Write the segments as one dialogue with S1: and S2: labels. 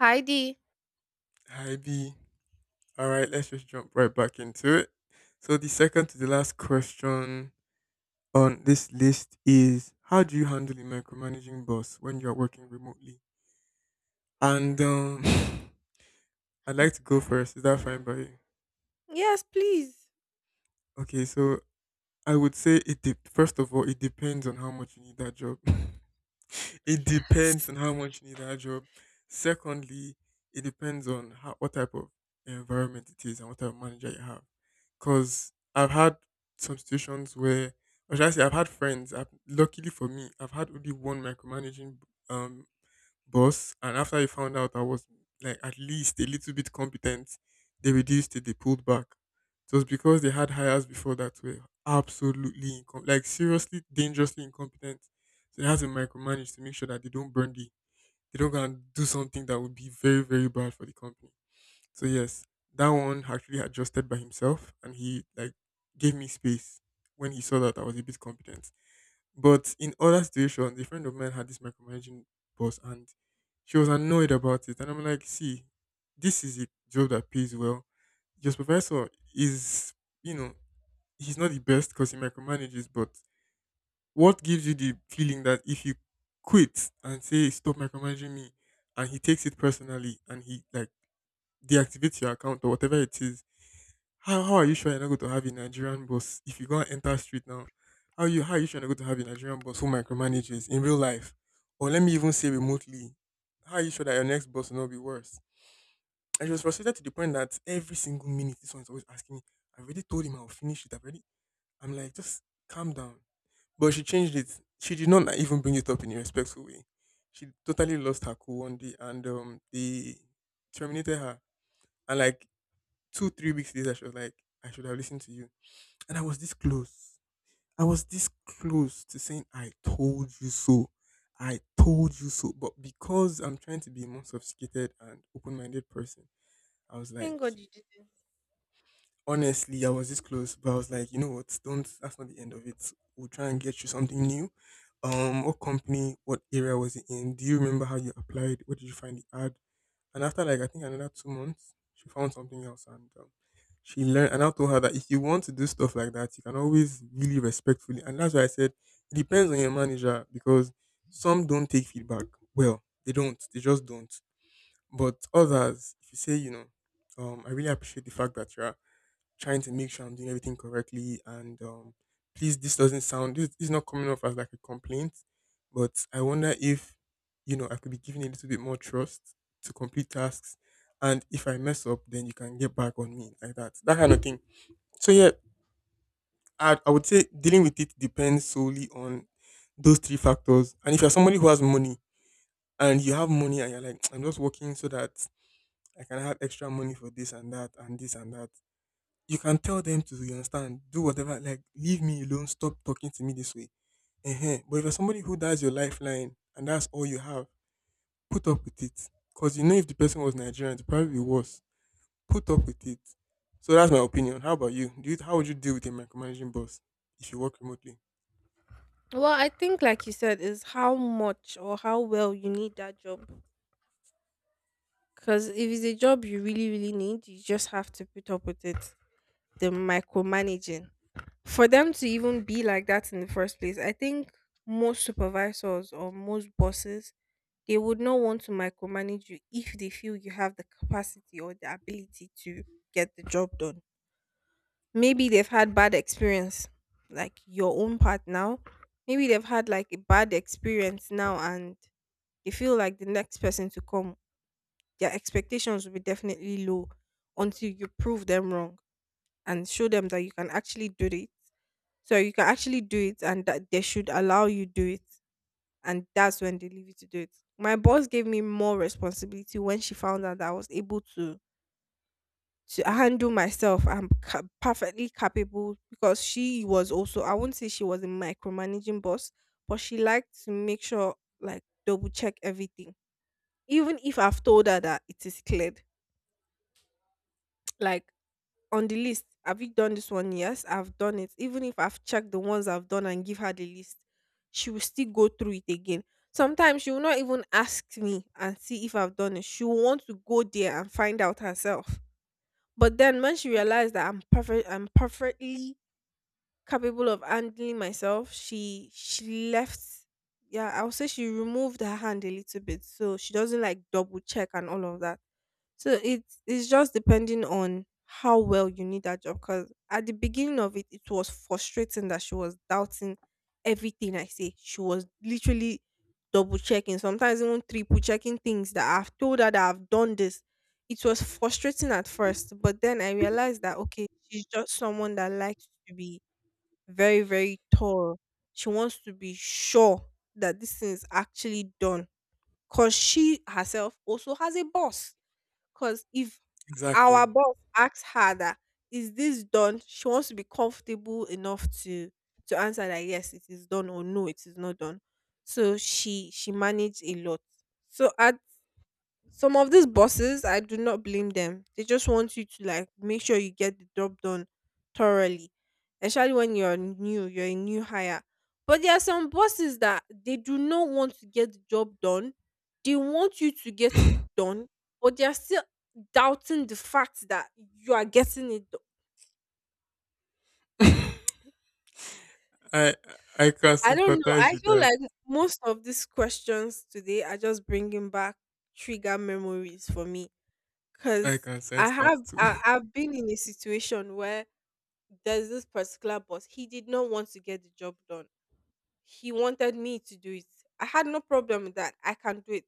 S1: Heidi.
S2: Hi B. All right, let's just jump right back into it. So the second to the last question on this list is, how do you handle a micromanaging boss when you are working remotely? And I'd
S1: Hmm.
S2: like to go first. Is that fine by you?
S1: Yes, please.
S2: Okay, so I would say it. First of all, it depends on how much you need that job. It depends
S1: S-
S2: on how much you need that job. Secondly, it depends on what type of environment it is and what type of manager you have. Because I've had some situations where, or should I say, I've had friends. Luckily for me, I've had only one micromanaging um, boss, and after he found out I was like at least a little bit competent, they pulled back. It was because they had hires before that were like seriously dangerously incompetent. So they had to micromanage to make sure that they don't burn they don't go and do something that would be very, very bad for the company. So yes, that one actually adjusted by himself and he like gave me space when he saw that I was a bit competent. But in other situations, a friend of mine had this micromanaging boss and she was annoyed about it. And I'm like, see, this is a job that pays well. Your supervisor is, you know, he's not the best because he micromanages, but what gives you the feeling that if you quit and say, stop micromanaging me, and he takes it personally and he like deactivates your account or whatever it is, how are you sure you're not going to have a Nigerian boss if you go and enter street now? How are you sure you're not going to have a Nigerian boss who micromanages in real life? Or let me even say remotely, how are you sure that your next boss will not be worse? And she was frustrated to the point that every single minute this one's always asking me, I already told him I'll finish it, I'm like, just calm down. But she changed it. She did not even bring it up in a respectful way. She totally lost her cool one day and they terminated her. And like two, 3 weeks later, she was like, I should have listened to you and I was this close. I was this close to saying, I told you so. I told you so. But because I'm trying to be a more sophisticated and open minded person, I was like,
S1: Thank God you didn't.
S2: honestly, I was this close. But I was like, you know what? Don't, that's not the end of it. We'll try and get you something new. What company, what area was it in? Do you remember how you applied? What did you find the ad? And after like I think another 2 months, she found something else, and she learned. And I told her that if you want to do stuff like that, you can always really respectfully. And that's why I said it depends on your manager because some don't take feedback well. They don't. They just don't. But others, if you say, you know, I really appreciate the fact that you're trying to make sure I'm doing everything correctly. And please, this doesn't sound, this is not coming off as like a complaint, but I wonder if, you know, I could be given a little bit more trust to complete tasks. And if I mess up, then you can get back on me like that, that kind of thing. So, yeah, I would say dealing with it depends solely on those three factors. And if you're somebody who has money and you have money and you're like, I'm just working so that I can have extra money for this and that and this and that, you can tell them to, you understand, do whatever, like leave me alone, stop talking to me this way. But if you're somebody who that's your lifeline and that's all you have, put up with it because you know if the person was Nigerian it probably be worse. Put up with it. So that's my opinion. How about you? Do you How would you deal with a micromanaging boss if you work remotely?
S1: Well, I think, like you said, is how much or how well you need that job. Because if it's a job you really, really need, you just have to put up with it. The micromanaging. For them to even be like that in the first place, I think most supervisors or most bosses, they would not want to micromanage you if they feel you have the capacity or the ability to get the job done. Maybe they've had bad experience, like your own part now. Maybe they've had like a bad experience now and they feel like the next person to come, their expectations will be definitely low until you prove them wrong and show them that you can actually do it. So you can actually do it and that they should allow you do it. And that's when they leave you to do it. My boss gave me more responsibility when she found out that I was able to handle myself. I'm perfectly capable, because she was also, I won't say she was a micromanaging boss, but she liked to make sure, like, double check everything. Even if I've told her that it is cleared, like, on the list, have you done this one? Yes, I've done it. Even if I've checked the ones I've done and give her the list, she will still go through it again. Sometimes she will not even ask me and see if I've done it. She will want to go there and find out herself. But then when she realized that I'm perfectly capable of handling myself, she left. Yeah, I would say she removed her hand a little bit, so she doesn't like double check and all of that. So it's just depending on how well you need that job. Because at the beginning of it, it was frustrating that she was doubting everything I say. She was literally double checking, sometimes even triple checking things that I've told her that I've done this. It was frustrating at first, but then I realized that okay, she's just someone that likes to be very, very thorough. She wants to be sure that this thing is actually done. Cause she herself also has a boss, because if
S2: Exactly.
S1: our boss asks her that, is this done? She wants to be comfortable enough to answer that yes, it is done or no, it is not done. So she managed a lot. So at some of these bosses, I do not blame them. They just want you to like make sure you get the job done thoroughly, especially when you're new, you're a new hire. But there are some bosses that they do not want to get the job done. They want you to get it done, but they are still doubting the fact that you are getting it done.
S2: i I can
S1: I don't know.
S2: sympathize
S1: I
S2: with
S1: feel
S2: that.
S1: like most of these questions today are just bringing back trigger memories for me.
S2: I
S1: Cause
S2: can
S1: I
S2: sense that
S1: have
S2: too.
S1: I, I've been in a situation where there's this particular boss. He did not want to get the job done. He wanted me to do it. I had no problem with that. I can do it.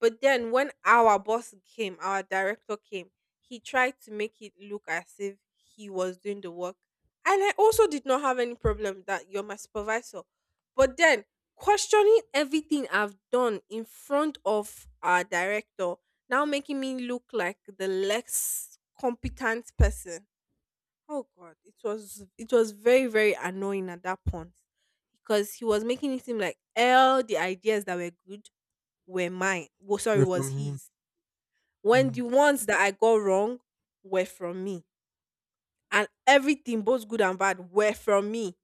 S1: But then when our boss came, our director came, he tried to make it look as if he was doing the work. And I also did not have any problem with that. You're my supervisor. But then questioning everything I've done in front of our director, now making me look like the less competent person. Oh god, it was very, very annoying at that point, because he was making it seem like all the ideas that were good were mine. Well, sorry,
S2: We're
S1: was
S2: from him.
S1: his. When
S2: Mm,
S1: the ones that I got wrong were from me, and everything both good and bad were from me.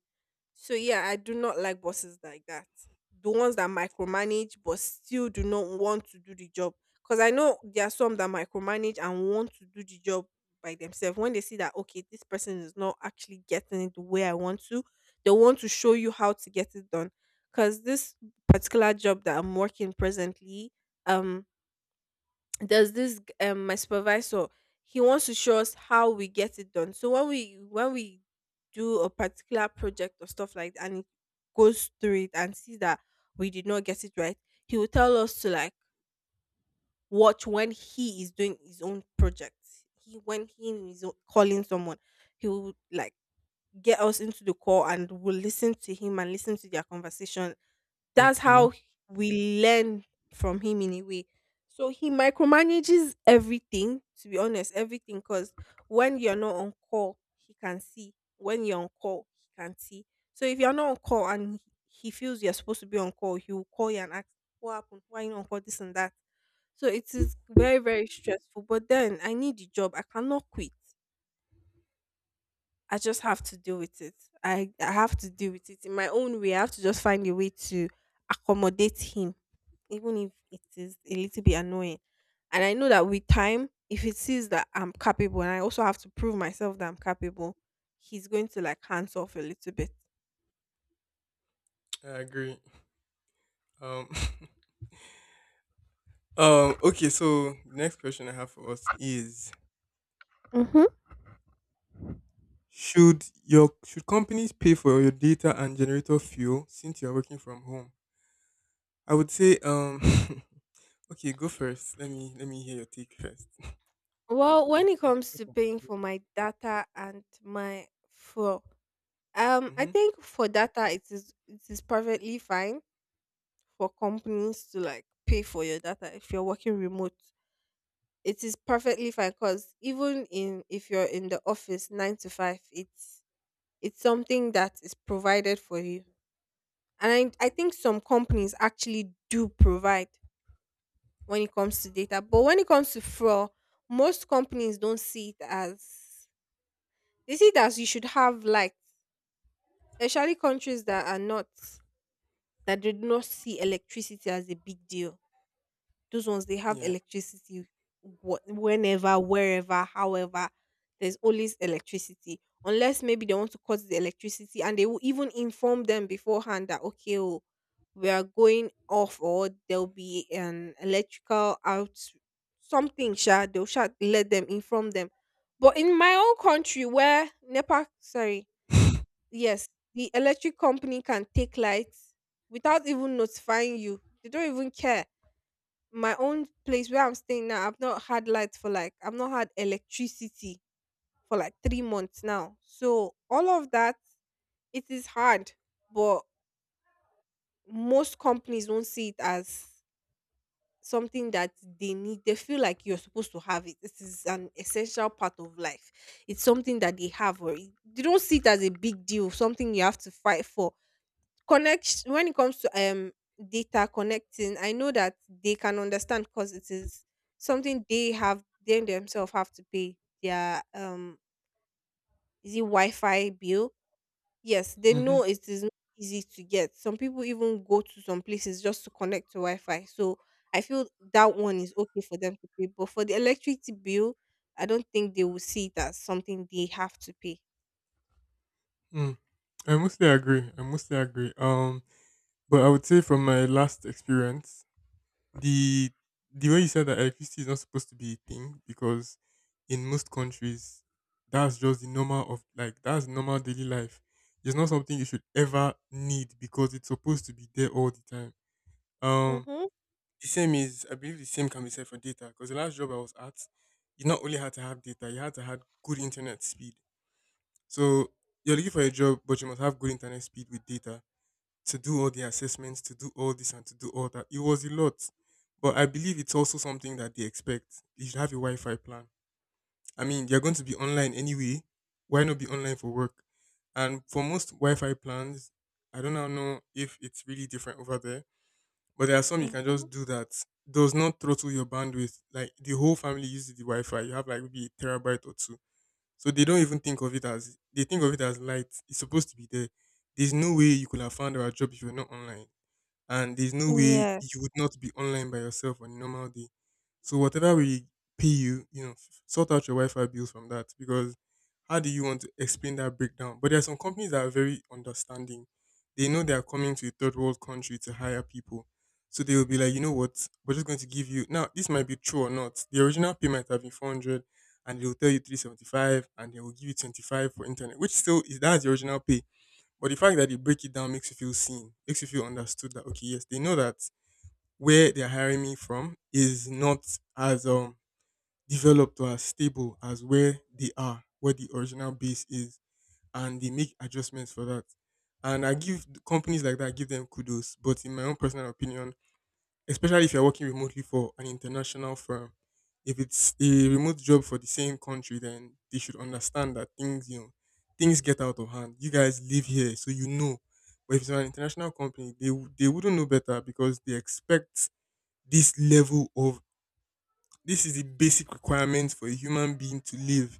S1: So yeah, I do not like bosses like that. The ones that micromanage but still do not want to do the job. Because I know there are some that micromanage and want to do the job by themselves. When they see that okay, this person is not actually getting it the way I want to, they want to show you how to get it done. Because this particular job that I'm working presently, um, there's this my supervisor, he wants to show us how we get it done. So when we do a particular project or stuff like that and he goes through it and sees that we did not get it right, he will tell us to like watch when he is doing his own project. He When he is calling someone, he will like get us into the call and we'll listen to him and listen to their conversation. That's how
S2: okay.
S1: we learn from him in a way. So he micromanages everything, to be honest, everything. Because when you're not on call, he can see. When you're on call, he can see. So if you're not on call and he feels you're supposed to be on call, he will call you and ask, what happened? Why you not on call? This and that. So it is very, very stressful. But then I need the job. I cannot quit. I just have to deal with it. I have to deal with it in my own way. I have to just find a way to accommodate him, even if it is a little bit annoying. And I know that with time, if he sees that I'm capable and I also have to prove myself that I'm capable, he's going to like hands off a little bit.
S2: I agree. um Um. Okay. So the next question I have for us is:
S1: Hmm.
S2: Should companies pay for your data and generator fuel since you are working from home? I would say. Okay. Go first. Let me hear your take first.
S1: Well, when it comes to paying for my data and my fuel, I
S2: Mm-hmm.
S1: think for data it is perfectly fine for companies to like pay for your data if you're working remote. It is perfectly fine because even in, if you're in the office 9 to 5, it's something that is provided for you. And I think some companies actually do provide when it comes to data. But when it comes to fraud, most companies don't see it as, they see it as you should have lights, especially countries that are not that do not see electricity as a big deal. Those ones they have
S2: Yeah.
S1: electricity whenever, wherever, however. There's always electricity. Unless maybe they want to cut the electricity, and they will even inform them beforehand that okay, oh, we are going off or there'll be an electrical out, something sha, they'll sha let them inform them. But in my own country, where NEPA, sorry, yes, the electric company can take lights without even notifying you. They don't even care. My own place where I'm staying now, I've not had electricity for like 3 months now. So all of that, it is hard, but most companies won't see it as something that they need. They feel like you're supposed to have it. This is an essential part of life. It's something that they have, or they don't see it as a big deal, something you have to fight for. Connect When it comes to data connecting, I know that they can understand, because it is something they themselves have to pay their is it Wi-Fi bill? Yes, they
S2: Mm-hmm.
S1: know it is not easy to get. Some people even go to some places just to connect to Wi-Fi. So I feel that one is okay for them to pay. But for the electricity bill, I don't think they will see it as something they have to pay.
S2: Mm. I mostly agree. I mostly agree. But I would say from my last experience, the the way you said that electricity is not supposed to be a thing because in most countries that's just the normal of like that's normal daily life. It's not something you should ever need because it's supposed to be there all the time. Um,
S1: Mm-hmm.
S2: the same is, I believe the same can be said for data, because the last job I was at, you not only had to have data, you had to have good internet speed. So you're looking for a job, but you must have good internet speed with data to do all the assessments, to do all this and to do all that. It was a lot. But I believe it's also something that they expect. You should have a Wi Fi plan. I mean, you're going to be online anyway. Why not be online for work? And for most Wi Fi plans, I don't now know if it's really different over there, but there are some you can
S1: Mm-hmm.
S2: just do that. Does not throttle your bandwidth. Like the whole family uses the Wi Fi. You have like maybe a terabyte or two. So they don't even think of it as, they think of it as light. It's supposed to be there. There's no way you could have found our job if you're not online, and there's no way
S1: Yes.
S2: you would not be online by yourself on a normal day. So whatever we pay you, you know, sort out your Wi-Fi bills from that, because how do you want to explain that breakdown? But there are some companies that are very understanding. They know they are coming to a third world country to hire people. So they will be like, you know what, we're just going to give you, now this might be true or not, the original pay might have been 400 and they will tell you 375 and they will give you 25 for internet, which still is, that's the original pay. But the fact that they break it down makes you feel seen, makes you feel understood, that okay, yes, they know that where they're hiring me from is not as developed or as stable as where they are, where the original base is, and they make adjustments for that. And I give companies like that, I give them kudos. But in my own personal opinion, especially if you're working remotely for an international firm. If it's a remote job for the same country, then they should understand that things, you know, things get out of hand. You guys live here, so you know. But if it's an international company, they wouldn't know better because they expect this level of, this is the basic requirement for a human being to live.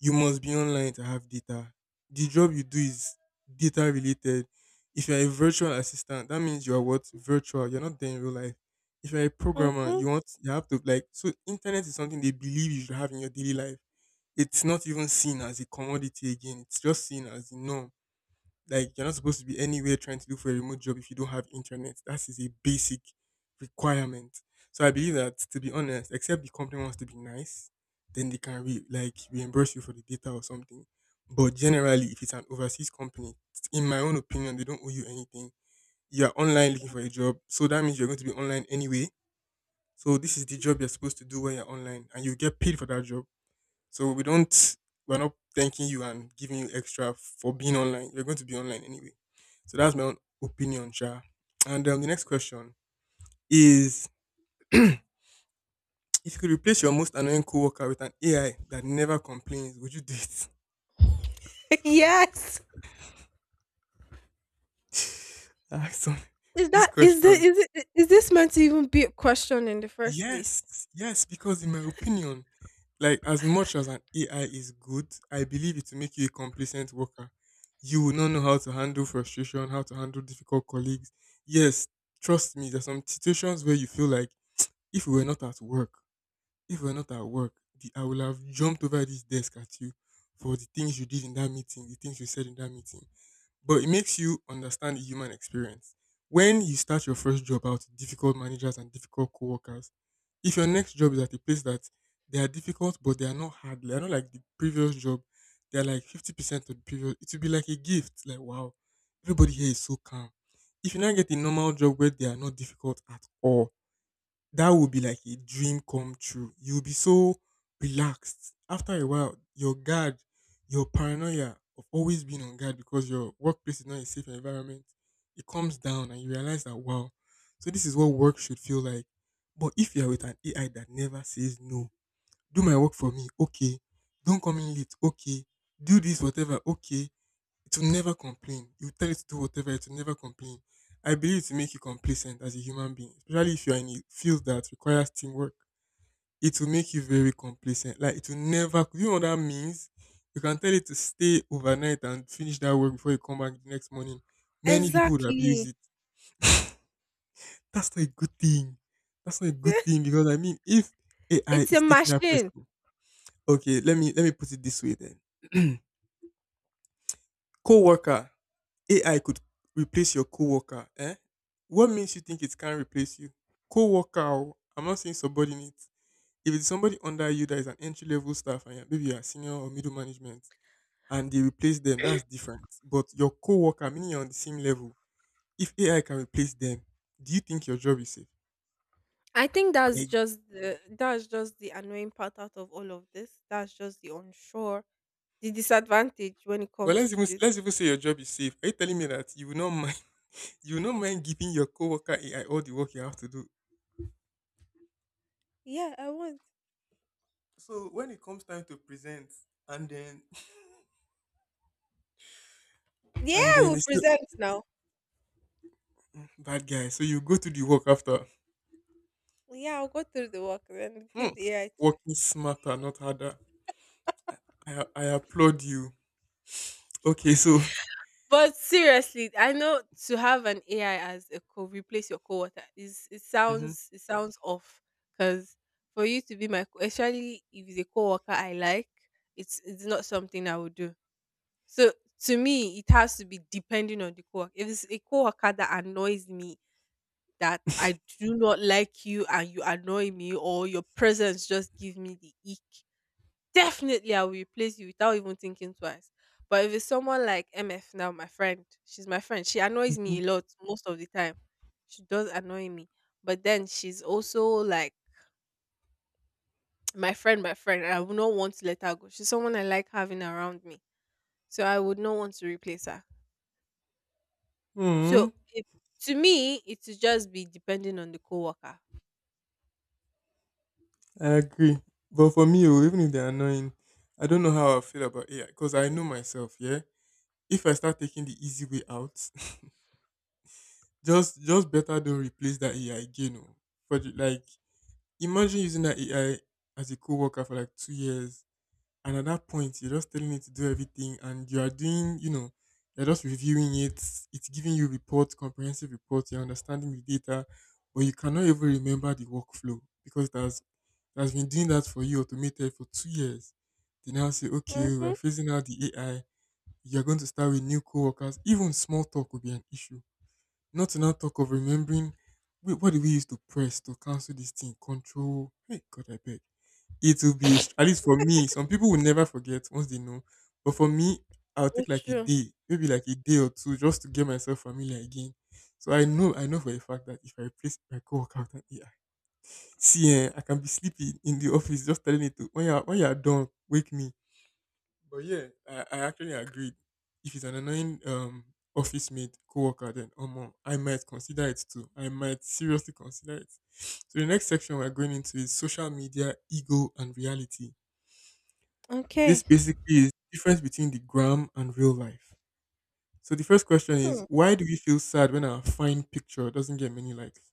S2: You must be online to have data. The job you do is data related. If you're a virtual assistant, that means you are what? Virtual. You're not there in real life. If you're a programmer,
S1: Mm-hmm.
S2: you have to like, so internet is something they believe you should have in your daily life. It's not even seen as a commodity again. It's just seen as the norm. Like you're not supposed to be anywhere trying to look for a remote job if you don't have internet. That is a basic requirement. So I believe that, to be honest, except the company wants to be nice, then they can like reimburse you for the data or something. But generally, if it's an overseas company, in my own opinion, they don't owe you anything. You are online looking for a job, so that means you're going to be online anyway. So this is the job you're supposed to do when you're online, and you get paid for that job. So we don't, we're not thanking you and giving you extra for being online. You're going to be online anyway. So that's my own opinion, Sha. And the next question is if you could replace your most annoying coworker with an AI that never complains, would you do it?
S1: yes.
S2: Ask some-
S1: Is
S2: this
S1: that is this
S2: question.
S1: is it Is this meant to even be a question in the first place?
S2: Yes, yes, because in my opinion, like as much as an AI is good, I believe it will make you a complacent worker. You will not know how to handle frustration, how to handle difficult colleagues. Yes, trust me, there's some situations where you feel like if we were not at work, if we were not at work, I will have jumped over this desk at you for the things you did in that meeting, the things you said in that meeting, but it makes you understand the human experience. When you start your first job out, difficult managers and difficult coworkers, if your next job is at a place that they are difficult but they are not hard, they are not like the previous job, they are like 50% of the previous. It will be like a gift. Like wow, everybody here is so calm. If you now get a normal job where they are not difficult at all, that would be like a dream come true. You'll be so relaxed. After a while, your guard, your paranoia of always being on guard because your workplace is not a safe environment, it comes down and you realize that, wow, so this is what work should feel like. But if you're with an AI that never says no, do my work for me, okay. Don't come in late, okay. Do this, whatever, okay. It will never complain. You tell it to do whatever, it will never complain. I believe it will make you complacent as a human being, especially if you're in a field that requires teamwork. It will make you very complacent. Like it will never. You know what that means? You can tell it to stay overnight and finish that work before you come back the next morning. Many people would abuse
S1: Exactly.
S2: it. That's not a good thing. That's not a good thing because I mean, if AI
S1: It's a
S2: is taking that
S1: machine.
S2: person, okay, let me put it this way then. Co-worker AI could replace your coworker, eh? What makes you think it can't replace you? Coworker, oh, I'm not saying subordinate. If it's somebody under you that is an entry level staff and maybe you're senior or middle management and they replace them, that's different. But your coworker, meaning you're on the same level, if AI can replace them, do you think your job is safe?
S1: I think that's
S2: Eh,
S1: just the annoying part out of all of this. That's just the unsure, the disadvantage when it
S2: but
S1: comes
S2: let's
S1: to
S2: even
S1: this.
S2: let's even say your job is safe. Are you telling me that you will not mind you will not mind giving your coworker AI all the work you have to do?
S1: Yeah, I want.
S2: So when it comes time to present and then and
S1: Yeah,
S2: then
S1: we'll
S2: they say,
S1: present now.
S2: bad guy. So you go to the work after.
S1: Yeah, I'll go through the work and
S2: Hmm.
S1: give the AI.
S2: Working smarter, not harder. I, I applaud you. Okay, so.
S1: But seriously, I know to have an AI as a co replace your coworker is it
S2: Hmm.
S1: sounds it sounds off, because for you to be my especially if it's a coworker I like, it's not something I would do. So to me, it has to be depending on the coworker. If it's a coworker that annoys me, that I do not like you and you annoy me, or your presence just give me the ick, definitely, I will replace you without even thinking twice. But if it's someone like MF now, my friend, she's my friend. She annoys
S2: Hmm.
S1: me a lot most of the time. She does annoy me. But then she's also like my friend, my friend, and I would not want to let her go. She's someone I like having around me. So I would not want to replace her. So
S2: Hmm.
S1: it, to me, it would just be depending on the coworker.
S2: I agree. But for me, oh, even if they're annoying, I don't know how I feel about AI because I know myself, yeah? If I start taking the easy way out, just better don't replace that AI again. Oh. For the, like, Imagine using that AI as a co worker for like 2 years. And at that point, you're just telling it to do everything, and you are doing, you're just reviewing it. It's giving you reports, comprehensive reports. You're understanding the data, but you cannot even remember the workflow because it has been doing that for you automated for 2 years. They now say, okay, we're
S1: Mm-hmm.
S2: phasing out the AI. You're going to start with new coworkers. Even small talk will be an issue, not to now talk of remembering. Wait, what do we use to press to cancel this thing? Control. Hey, God, I beg. It will be, at least for me, some people will never forget once they know. But for me, I'll take
S1: It's
S2: like a
S1: true.
S2: day, maybe like a day or two just to get myself familiar again. So I know for a fact that if I place my co-worker with an AI, see, eh, I can be sleeping in the office just telling it to, when you're done, wake me. But yeah, I actually agreed. If it's an annoying office mate coworker, then Omo, I might consider it too. I might seriously consider it. So the next section we're going into is social media, ego, and reality. This
S1: Okay.
S2: basically is difference between the gram and real life. So the first question is
S1: Hmm.
S2: why do we feel sad when our fine picture doesn't get many likes?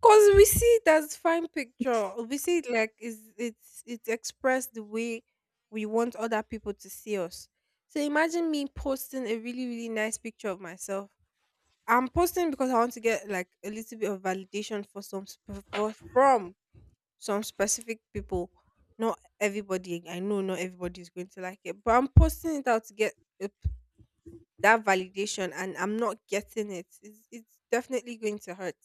S1: Cause we see it as fine picture. We see it like is it's expressed the way we want other people to see us. So imagine me posting a really nice picture of myself. I'm posting because I want to get like a little bit of validation for, from some specific people. Not everybody I know. Not everybody is going to like it, but I'm posting it out to get uh, that validation, and I'm not getting it. It's definitely going to hurt.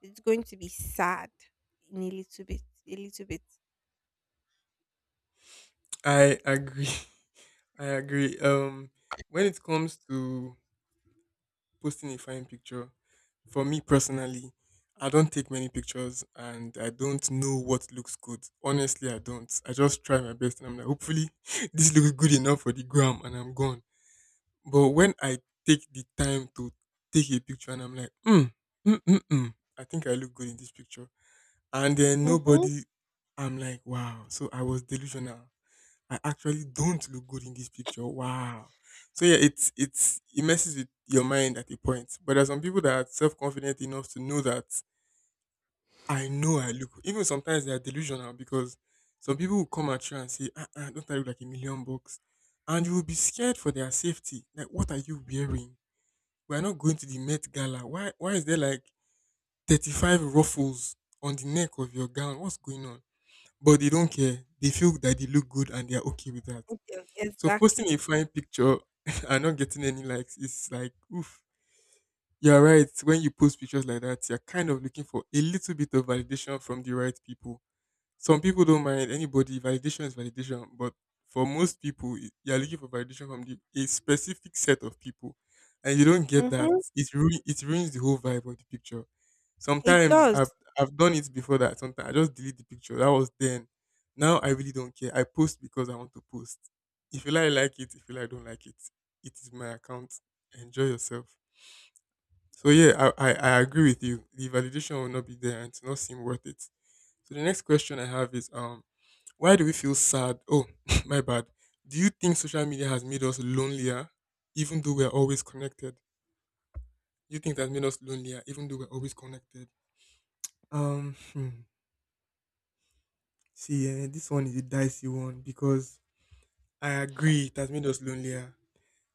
S1: It's going to be sad in a little bit, a little bit.
S2: I agree. I agree. When it comes to posting a fine picture. For me personally, I don't take many pictures and I don't know what looks good. Honestly, I don't. I just try my best and I'm like, hopefully, this looks good enough for the gram and I'm gone. But when I take the time to take a picture and I'm like, hmm, mm, mm, mm, I think I look good in this picture. And then
S1: Mhm.
S2: nobody, I'm like, wow. So I was delusional. I actually don't look good in this picture. Wow. So yeah, it's it messes with your mind at a point. But there's some people that are self confident enough to know that I know I look even sometimes they are delusional because some people will come at you and say, don't I look like a million bucks? And you will be scared for their safety. Like what are you wearing? We are not going to the Met Gala. Why is there like 35 ruffles on the neck of your gown? What's going on? But they don't care. They feel that they look good and they are okay with that,
S1: Yeah,
S2: so posting a
S1: exactly.
S2: fine picture and not getting any likes is like, oof. You're right. When you post pictures like that, you're kind of looking for a little bit of validation from the right people. Some people don't mind anybody. Validation is validation, but for most people, you are looking for validation from a specific set of people, and you don't get that.
S1: Mhm.
S2: It ruins the whole vibe of the picture.
S1: It
S2: Sometimes
S1: does.
S2: I've done it before that. Sometimes I just delete the picture. That was then. Now I really don't care. I post because I want to post. If you like it. If you like, don't like it. It is my account. Enjoy yourself. So yeah, I agree with you. The validation will not be there and it's not seem worth it. So the next question I have is why do we feel sad? Oh, my bad. Do you think social media has made us lonelier, even though we're always connected? You think that made us lonelier, even though we're always connected? Um, hmm. See, eh, this one is a dicey one because I agree it has made us lonelier.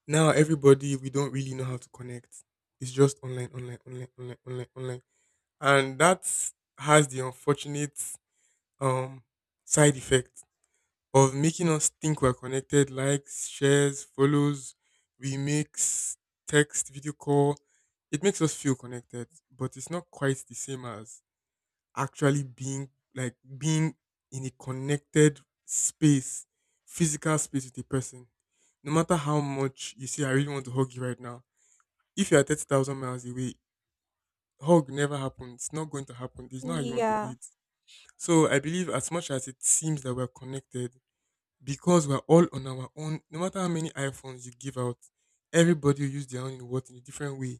S2: Now everybody, we don't really know how to connect. It's just online, online, online, online, online, online, and that has the unfortunate um side effect of making us think we're connected, likes, shares, follows, remakes, text, video call. It makes us feel connected, but it's not quite the same as actually being in a connected space, physical space with a person. No matter how much you say, I really want to hug you right now. If you are 30,000 miles away, hug never happens. It's not going to happen. It's not how you want to do
S1: Yeah.
S2: it. So I believe as much as it seems that we're connected, because we're all on our own, no matter how many iPhones you give out, everybody will use their own in what in a different way.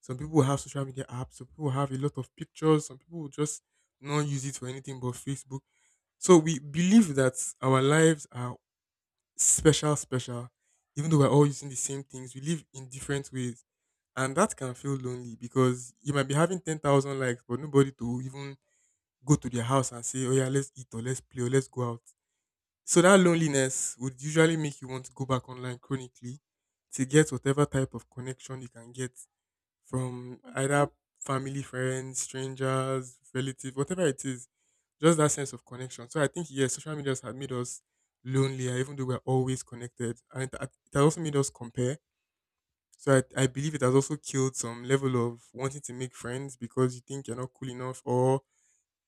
S2: Some people will have social media apps, some people will have a lot of pictures, some people will just not use it for anything but Facebook. So we believe that our lives are special, special, even though we're all using the same things, we live in different ways. And that can feel lonely because you might be having 10,000 likes, but nobody to even go to their house and say, oh yeah, let's eat or let's play or let's go out, so that loneliness would usually make you want to go back online chronically to get whatever type of connection you can get from either
S1: Mhm.
S2: family, friends, strangers, relative, whatever it is. Just that sense of connection. So I think yes, social media has made us lonelier, even though we're always connected, and it has also made us compare. So I believe it has also killed some level of wanting to make friends because you think you're not cool enough or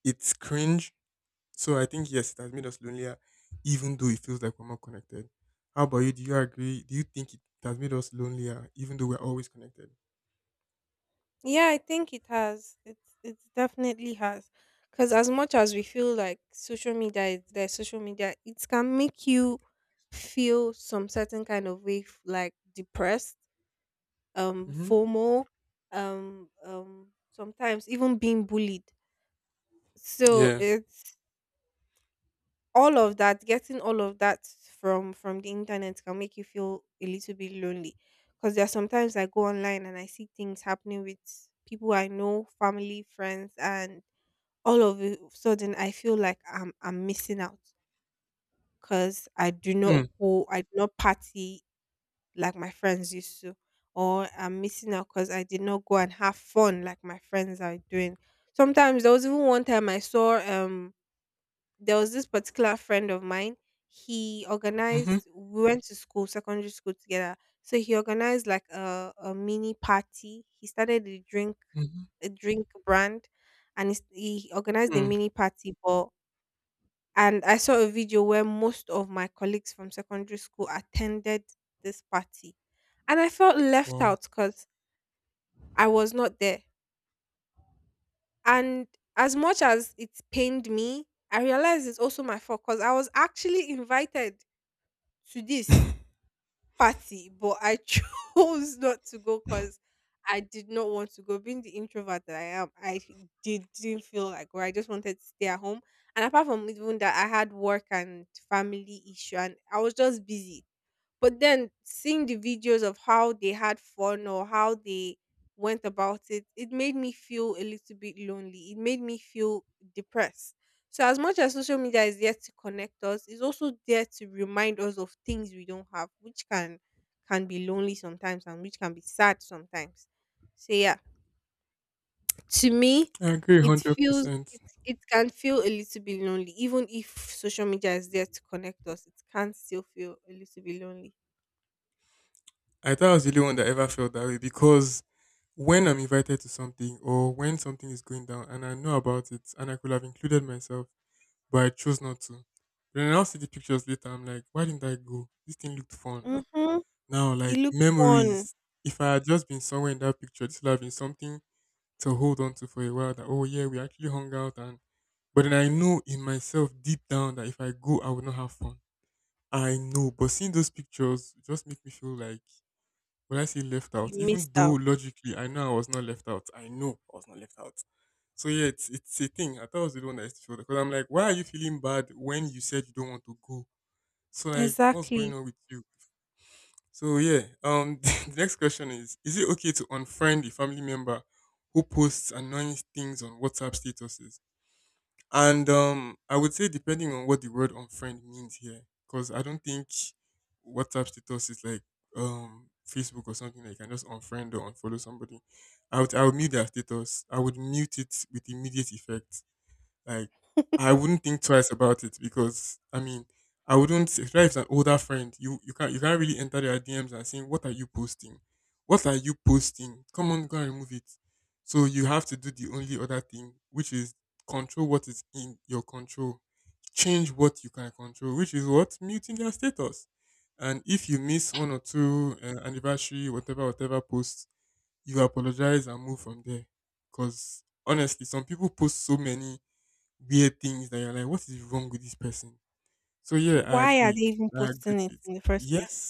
S2: it's cringe, so I think yes, it has made us lonelier, even though it feels like we're more connected. How about you? Do you agree? Do you think it has made us lonelier, even though we're always connected?
S1: Yeah, I think it has. It definitely has. Because as much as we feel like social media is there, social media it can make you feel some certain kind of way, like depressed,
S2: Mm-hmm.
S1: FOMO, sometimes even being bullied. So
S2: Yeah.
S1: it's all of that getting all of that from the internet can make you feel a little bit lonely because there are sometimes I go online and I see things happening with people I know, family, friends, and all of a sudden I feel like I'm missing out because I do not
S2: Mm.
S1: go, I do not party like my friends used to, or I'm missing out because I did not go and have fun like my friends are doing. Sometimes there was even one time I saw there was this particular friend of mine. He
S2: Mm-hmm.
S1: organized. We went to school, secondary school together. So he organized like a mini party. He started
S2: Mm-hmm.
S1: a drink brand, and he organized a
S2: Mm.
S1: mini party. But and I saw a video where most of my colleagues from secondary school attended this party, and I felt left
S2: Wow.
S1: out because I was not there. And as much as it pained me, I realized it's also my fault because I was actually invited to this party, but I chose not to go because I did not want to go. Being the introvert that I am, I didn't feel like, or I just wanted to stay at home. And apart from even that, I had work and family issue, and I was just busy. But then seeing the videos of how they had fun or how they went about it, it made me feel a little bit lonely. It made me feel depressed. So, as much as social media is there to connect us, it's also there to remind us of things we don't have, which can be lonely sometimes and which can be sad sometimes. So yeah, to me,
S2: I agree hundred percent.
S1: it can feel a little bit lonely. Even if social media is there to connect us, it can still feel a little bit lonely.
S2: I thought I was the only one that ever felt that way because when I'm invited to something or when something is going down and I know about it and I could have included myself, but I chose not to. Then I'll see the pictures later. I'm like, why didn't I go? This thing looked fun. Ah,
S1: Hmm.
S2: now,
S1: It
S2: like
S1: looked fun.
S2: memories, if I had just been somewhere in that picture, this would have been something to hold on to for a while. That oh yeah, we actually hung out, and but then I know in myself deep down that if I go, I will not have fun. I know, but seeing those pictures just make me feel like when I say left out,
S1: You
S2: even
S1: missed
S2: though
S1: out.
S2: logically I know I was not left out. I know I was not left out. So yeah, it's a thing. I thought I was the one that I used to feel because I'm like, why are you feeling bad when you said you don't want to go? So like, what's going
S1: Exactly.
S2: on with you? So yeah, the next question is: is it okay to unfriend a family member who posts annoying things on WhatsApp statuses? And I would say depending on what the word unfriend means here, because I don't think WhatsApp status is like Facebook or something that you can just unfriend or unfollow somebody. I would mute their status. I would mute it with immediate effect, like I wouldn't think twice about it because I wouldn't, especially if it's an older friend, you can't really enter their DMs and saying, what are you posting? What are you posting? Come on, go and remove it. So you have to do the only other thing, which is control what is in your control. Change what you can control, which is what? Muting their status. And if you miss one or two anniversary, whatever, whatever posts, you apologize and move from there. Because honestly, some people post so many weird things that you're like, what is wrong with this person? So yeah, I
S1: Why are they
S2: agree.
S1: even
S2: I agree
S1: posting it
S2: to it.
S1: in the first place?
S2: Yes,